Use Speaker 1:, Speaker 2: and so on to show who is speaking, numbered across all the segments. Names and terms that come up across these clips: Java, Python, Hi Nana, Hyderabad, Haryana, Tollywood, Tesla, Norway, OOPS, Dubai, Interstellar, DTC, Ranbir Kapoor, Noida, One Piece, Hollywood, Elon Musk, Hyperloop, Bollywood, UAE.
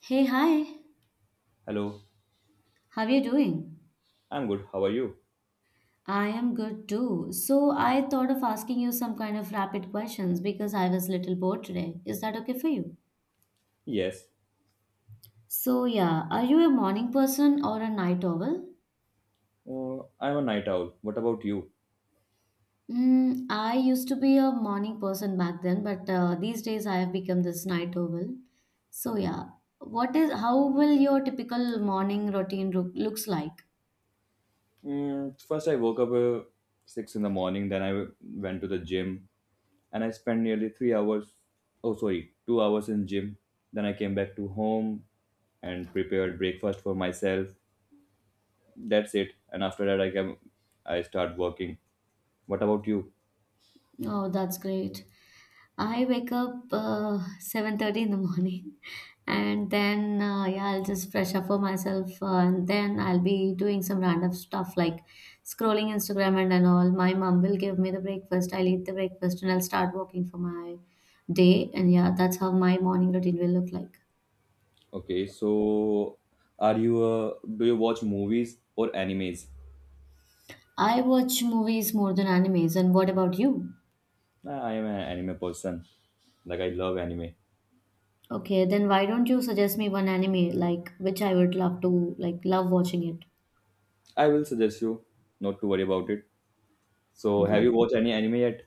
Speaker 1: Hey, hi.
Speaker 2: Hello,
Speaker 1: How are you doing?
Speaker 2: I'm good. How are you?
Speaker 1: I am good too. So I thought of asking you some kind of rapid questions because I was little bored today. Is that okay for you?
Speaker 2: Yes,
Speaker 1: So yeah, are you a morning person or a night owl?
Speaker 2: I'm a night owl. What about you?
Speaker 1: I used to be a morning person back then, but these days I have become this night owl. So yeah, what is how will your typical morning looks like?
Speaker 2: First, I woke up six in the morning. Then I went to the gym, and I spent nearly 3 hours. Oh, sorry, 2 hours in gym. Then I came back to home and prepared breakfast for myself. That's it. And after that, I came. I start working. What about you?
Speaker 1: Oh, that's great. I wake up 7:30 in the morning and then yeah, I'll just fresh up for myself and then I'll be doing some random stuff like scrolling Instagram and all. My mom will give me the breakfast. I'll eat the breakfast and I'll start working for my day and yeah, that's how my morning routine will look like.
Speaker 2: Okay, so are you? Do you watch movies or animes?
Speaker 1: I watch movies more than animes and what about you?
Speaker 2: I am an anime person. Like I love anime.
Speaker 1: Okay, then why don't you suggest me one anime like which I would love to like love watching it.
Speaker 2: I will suggest you not to worry about it. So, have
Speaker 1: Well.
Speaker 2: you watched any anime yet?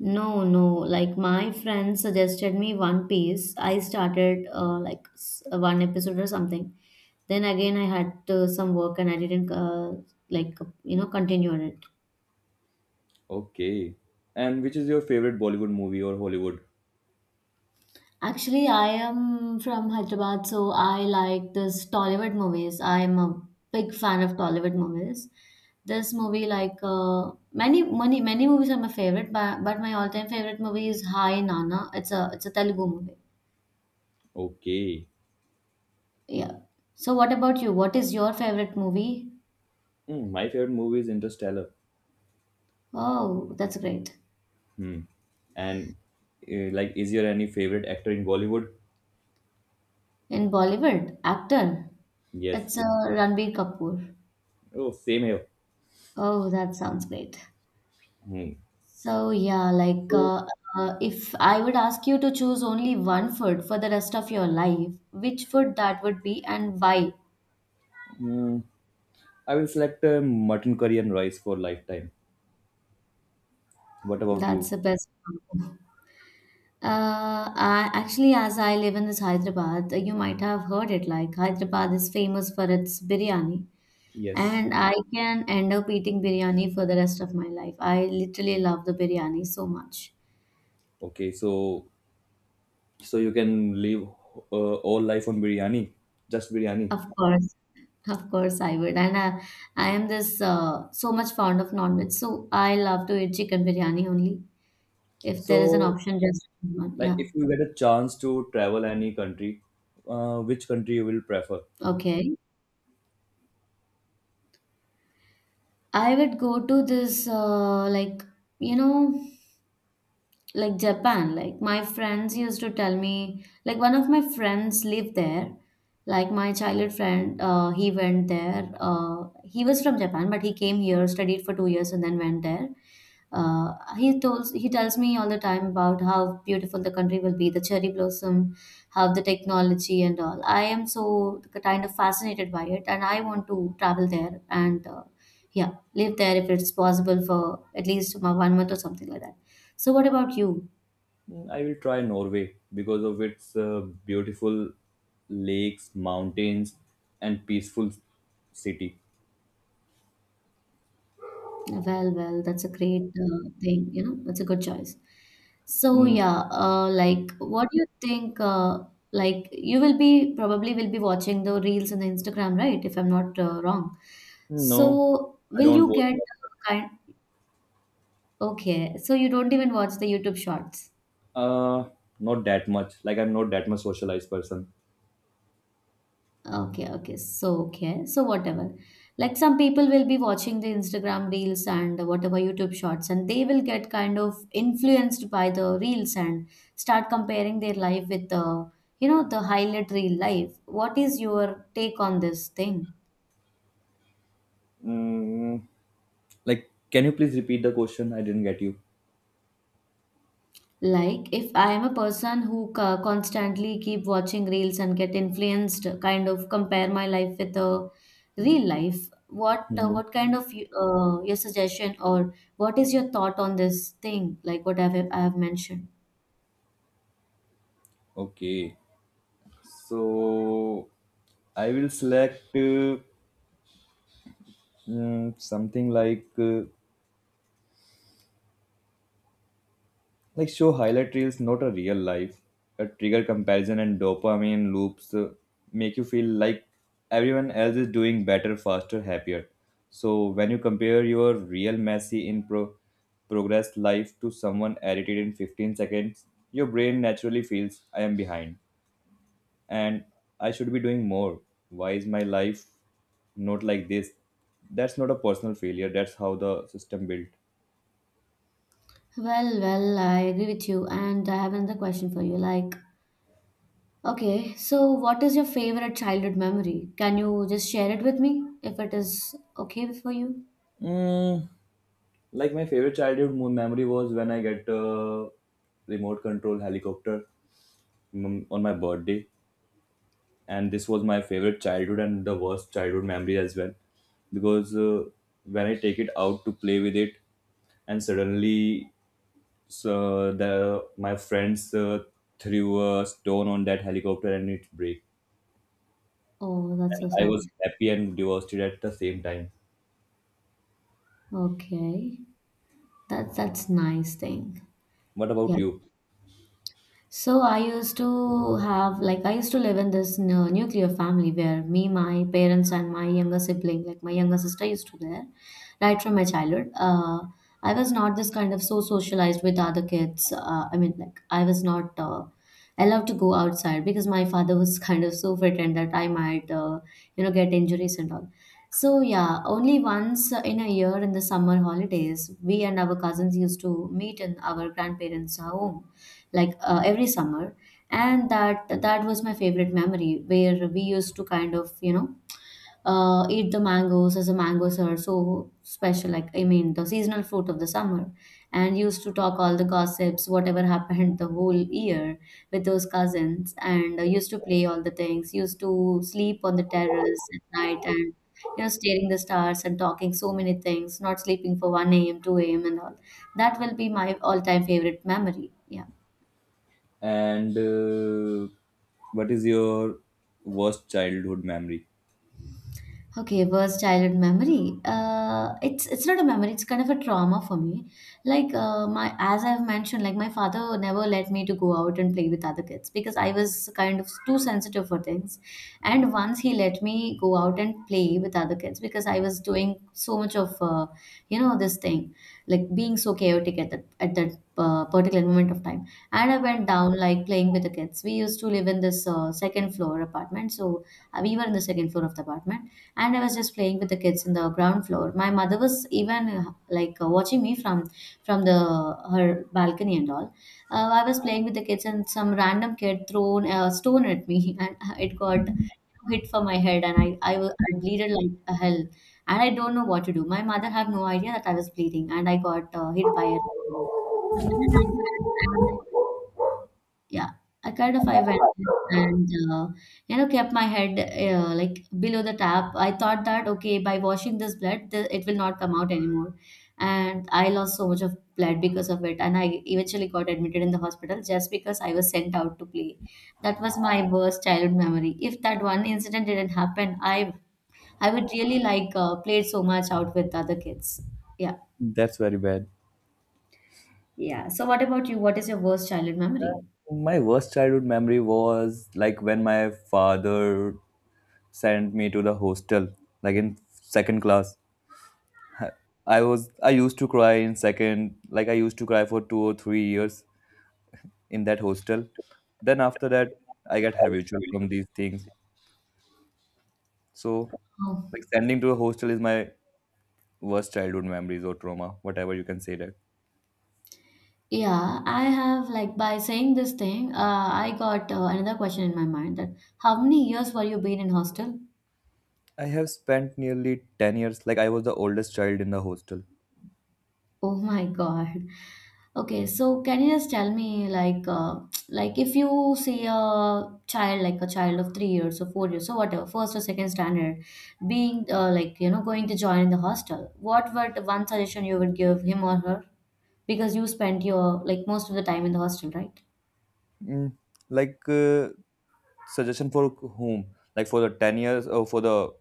Speaker 1: No, no. Like my friend suggested me One Piece. I started like one episode or something. Then again, I had some work and I didn't like continue on it.
Speaker 2: Okay. And which is your favorite Bollywood movie or Hollywood?
Speaker 1: Actually, I am from Hyderabad, so I like this Tollywood movies. I'm a big fan of Tollywood movies. This movie, like many movies, are my favorite. But my all time favorite movie is Hi Nana. It's a Telugu movie.
Speaker 2: Okay.
Speaker 1: Yeah. So what about you? What is your favorite movie?
Speaker 2: Hmm, my favorite movie is Interstellar.
Speaker 1: Oh, that's great.
Speaker 2: Hmm. And like, is your any favorite actor in Bollywood?
Speaker 1: In Bollywood, actor.
Speaker 2: Yes.
Speaker 1: It's Ranbir Kapoor.
Speaker 2: Oh, same here.
Speaker 1: Oh, that sounds great.
Speaker 2: Hmm.
Speaker 1: So yeah,
Speaker 2: So,
Speaker 1: if I would ask you to choose only one food for the rest of your life, which food that would be and why?
Speaker 2: hmm, I will select mutton curry and rice for lifetime. What about
Speaker 1: That's
Speaker 2: you?
Speaker 1: the best one. Actually, as I live in this Hyderabad, you might have heard it. Like Hyderabad is famous for its biryani.
Speaker 2: Yes.
Speaker 1: And I can end up eating biryani for the rest of my life. I literally love the biryani so much.
Speaker 2: Okay. So, so you can live all life on biryani, just biryani.
Speaker 1: Of course, of course I would. I am this so much fond of non-veg, so I love to eat chicken biryani only. If there is an
Speaker 2: So,
Speaker 1: option, just one.
Speaker 2: like
Speaker 1: Yeah.
Speaker 2: if you get a chance to travel any country, which country you will prefer?
Speaker 1: Okay. I would go to this you know. like Japan. Like my friends used to tell me, like one of my friends lived there. Like my childhood friend, he went there. He was from Japan, but he came here, studied for 2 years, and then went there. He tells me all the time about how beautiful the country will be, the cherry blossom, how the technology and all. I am so kind of fascinated by it, and I want to travel there and yeah, live there if it's possible for at least 1 month or something like that. So what about you?
Speaker 2: I will try Norway because of its beautiful lakes, mountains, and peaceful city.
Speaker 1: Well, well, that's a great thing, you know, that's a good choice. So
Speaker 2: Mm,
Speaker 1: yeah, like what do you think like you will be probably will be watching the reels on the Instagram, right? If I'm not wrong.
Speaker 2: no,
Speaker 1: So
Speaker 2: I
Speaker 1: will
Speaker 2: don't
Speaker 1: you
Speaker 2: watch.
Speaker 1: get
Speaker 2: That.
Speaker 1: kind okay, so you don't even watch the YouTube shorts.
Speaker 2: Uh, not that much. Like I'm not that much socialized person.
Speaker 1: Okay, okay. So, okay. So, whatever. Like some people will be watching the Instagram reels and whatever YouTube shorts, and they will get kind of influenced by the reels and start comparing their life with the, you know, the highlight reel life. What is your take on this thing?
Speaker 2: Mm, like, can you please repeat the question? I didn't get you.
Speaker 1: Like if I am a person who constantly keep watching reels and get influenced, kind of compare my life with a real life.
Speaker 2: Mhm.
Speaker 1: What kind of your suggestion or what is your thought on this thing? Like what I have mentioned.
Speaker 2: Okay, so I will select. Mm, something like show highlight reels, not a real life. A trigger comparison and dopamine loops make you feel like everyone else is doing better, faster, happier. So when you compare your real messy in progress life to someone edited in 15 seconds, your brain naturally feels I am behind and I should be doing more. Why is my life not like this? That's not a personal failure. That's how the system built.
Speaker 1: Well, well, I agree with you, and I have another question for you. Like, okay, so what is your favorite childhood memory? Can you just share it with me if it is okay for you?
Speaker 2: Mm, like my favorite memory was when I get a remote control helicopter mm, on my birthday, and this was my favorite childhood and the worst childhood memory as well, because when I take it out to play with it, and suddenly so the my friends threw a stone on that helicopter and it broke,
Speaker 1: Oh, that's
Speaker 2: and
Speaker 1: so
Speaker 2: I
Speaker 1: sad.
Speaker 2: was happy and devastated at the same time.
Speaker 1: Okay. That that's nice thing.
Speaker 2: What about
Speaker 1: Yeah.
Speaker 2: you?
Speaker 1: So I used to have like I used to live in this nuclear family where me, my parents, and my younger sibling, like my younger sister, used to there, right from my childhood. I was not this kind of so socialized with other kids. I mean, like I was not allowed to go outside because my father was kind of so frightened that I might, you know, get injuries and all. So yeah, only once in a year in the summer holidays, we and our cousins used to meet in our grandparents' home like every summer and that was my favorite memory where we used to kind of you know eat the mangoes as the mangoes are so special like I mean the seasonal fruit of the summer and used to talk all the gossips whatever happened the whole year with those cousins and used to play all the things used to sleep on the terrace at night and you know staring the stars and talking so many things not sleeping for 1 a.m. 2 a.m. and all that will be my all-time favorite memory. Yeah.
Speaker 2: And what is your worst childhood memory?
Speaker 1: Okay, worst childhood memory. It's not a memory. It's kind of a trauma for me. Like as I've mentioned, like my father never let me to go out and play with other kids because I was kind of too sensitive for things. And once he let me go out and play with other kids because I was doing so much of you know this thing, like being so chaotic at that particular moment of time. And I went down like playing with the kids. We used to live in this second floor apartment, so we were in the second floor of the apartment and I was just playing with the kids in the ground floor. My mother was even like watching me from the her balcony and all. I was playing with the kids and some random kid thrown a stone at me and it got hit for my head and I bleeded like a hell and I don't know what to do. My mother had no idea that I was bleeding and I got hit by a and I, yeah, I kind of I went and you know kept my head like below the tap. I thought that okay, by washing this blood, it will not come out anymore, and I lost so much of blood because of it. And I eventually got admitted in the hospital just because I was sent out to play. That was my worst childhood memory. If that one incident didn't happen, I would really like played so much out with other kids. Yeah,
Speaker 2: That's very bad.
Speaker 1: yeah. So what about you? What is your worst childhood memory?
Speaker 2: My worst childhood memory was like when my father sent me to the hostel, like in second class. I used to cry in second, like I used to cry for 2 or 3 years in that hostel. Then after that, I got habitual from these things. So, like sending to a hostel is my worst childhood memories or trauma, whatever you can say that.
Speaker 1: Yeah, I have like by saying this thing, I got another question in my mind that how many years were you been in hostel?
Speaker 2: I have spent nearly 10 years, like I was the oldest child in the hostel.
Speaker 1: Oh my God. Okay, so can you just tell me like if you see a child like a child of 3 years or 4 years or whatever, first or second standard, being like you know going to join the hostel, what would one suggestion you would give him or her? Because you spent your like most of the time in the hostel, right?
Speaker 2: Mm, like suggestion for whom? Like for the 10 years or for the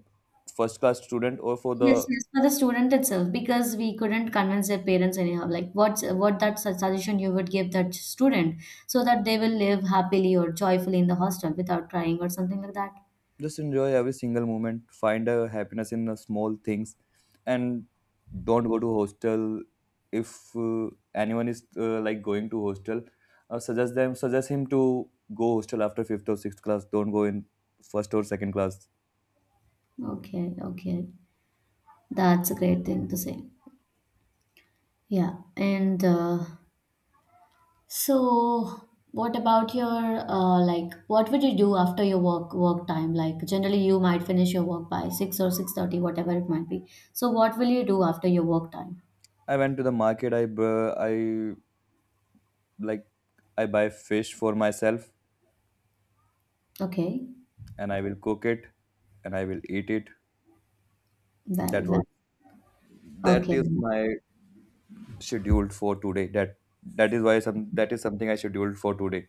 Speaker 2: first class student or for
Speaker 1: Yes,
Speaker 2: the
Speaker 1: yes, for the student itself, because we couldn't convince their parents anyhow. Like what that suggestion you would give that student so that they will live happily or joyfully in the hostel without crying or something like that.
Speaker 2: just enjoy every single moment, find a happiness in the small things and don't go to hostel if anyone is like going to hostel, suggest him to go hostel after fifth or sixth class. Don't go in first or second class.
Speaker 1: Okay, okay, that's a great thing to say. Yeah, and so what about your like what would you do after your work time? Like generally, you might finish your work by 6 or 6:30, whatever it might be. So what will you do after your work time?
Speaker 2: I went to the market. I like, I buy fish for myself
Speaker 1: Okay,
Speaker 2: and I will cook it and I will eat it.
Speaker 1: well,
Speaker 2: that
Speaker 1: well.
Speaker 2: was that
Speaker 1: Okay,
Speaker 2: is my scheduled for today. That is something I scheduled for today,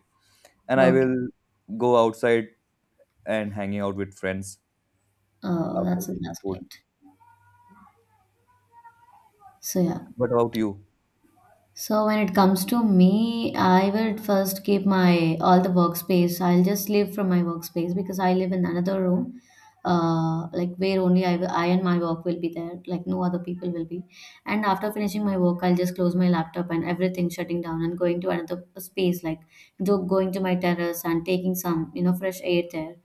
Speaker 2: and I
Speaker 1: okay.
Speaker 2: will go outside and hanging out with friends
Speaker 1: Oh,
Speaker 2: after cooking
Speaker 1: that's
Speaker 2: food.
Speaker 1: great. So yeah.
Speaker 2: What about you?
Speaker 1: So when it comes to me, I will first keep my all the workspace. I'll just leave from my workspace because I live in another room, like where only I and my work will be there. Like no other people will be. And after finishing my work, I'll just close my laptop and everything shutting down and going to another space, like though going to my terrace and taking some you know fresh air there.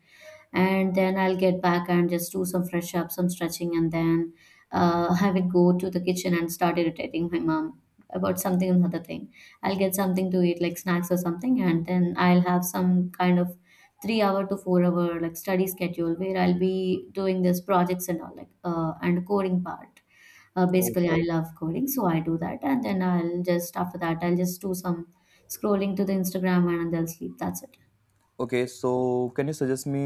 Speaker 1: And then I'll get back and just do some fresh up, some stretching, and then have it go to the kitchen and start irritating my mom about something and other thing. I'll get something to eat, like snacks or something, and then I'll have some kind of 3 hour to 4 hour like study schedule where I'll be doing this projects and all like and coding part.
Speaker 2: Oh,
Speaker 1: Basically, I love coding, so I do that, and then I'll just after that I'll just do some scrolling to the Instagram and then I'll sleep. That's it.
Speaker 2: okay, so can you suggest me,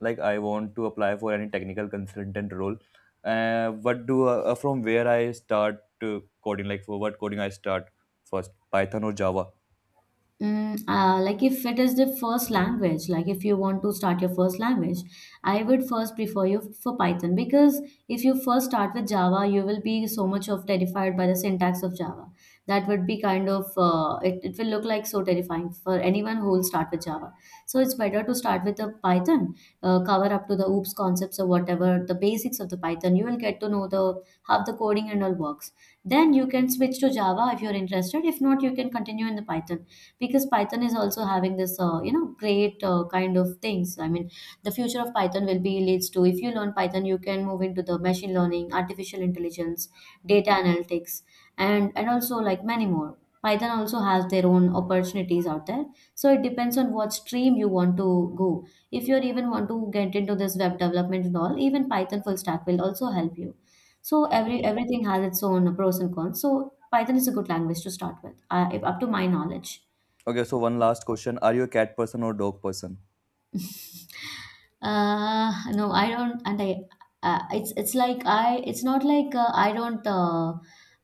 Speaker 2: like I want to apply for any technical consultant role, what do from where I start, coding, like for what coding I start first? Python or Java?
Speaker 1: Like if it is the first language, like if you want to start your first language, I would first prefer you for Python because if you first start with Java, you will be so much of terrified by the syntax of Java. That would be kind of it will look like so terrifying for anyone who will start with Java. So it's better to start with the Python, cover up to the OOPS concepts or whatever the basics of the Python. You will get to know the how the coding and all works. Then you can switch to Java if you're interested. If not, you can continue in the Python because Python is also having this you know great kind of things I mean the future of Python will be leads to if you learn Python you can move into the machine learning, artificial intelligence, data analytics, and also like many more. Python also has their own opportunities out there, so it depends on what stream you want to go. If you even want to get into this web development and all, even Python full stack will also help you, so every
Speaker 2: Okay,
Speaker 1: everything has its own pros and cons, so Python is a good language to start with up to my knowledge.
Speaker 2: okay, so one last question: are you a cat person or dog person?
Speaker 1: No, I don't, and I, it's like it's not like I don't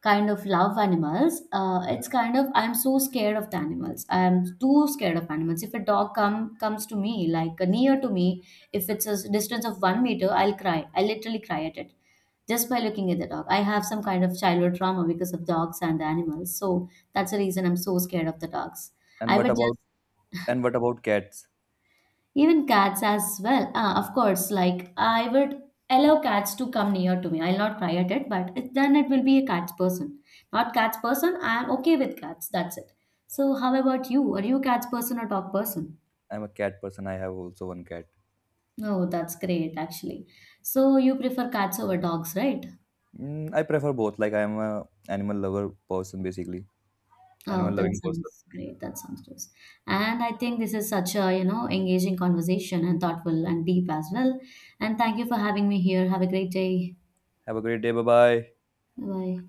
Speaker 1: kind of love animals. It's kind of I'm so scared of the animals. I'm too scared of animals. If a dog comes to me, like near to me, if it's a distance of 1 meter, I'll cry. I literally cry at it just by looking at the dog. I have some kind of childhood trauma because of dogs and the animals, so that's the reason I'm so scared of the dogs.
Speaker 2: And
Speaker 1: I
Speaker 2: what
Speaker 1: would
Speaker 2: about, and what about cats?
Speaker 1: Even cats as well. Ah, of course, like I would allow cats to come near to me. I'll not cry at it, but it, then it will be a cat's person. Not cat's person, I'm okay with cats. That's it. So, how about you? Are you a cat's person or dog person?
Speaker 2: I'm a cat person. I have also one cat.
Speaker 1: Oh, that's great actually. So, you prefer cats over dogs, right?
Speaker 2: Mm, I prefer both. Like I'm a animal lover person basically.
Speaker 1: Oh,
Speaker 2: Animal
Speaker 1: that
Speaker 2: loving person.
Speaker 1: sounds great. That sounds nice. And I think this is such a, you know, engaging conversation and thoughtful and deep as well. And thank you for having me here. Have a great day.
Speaker 2: Have a great day. Bye bye.
Speaker 1: Bye.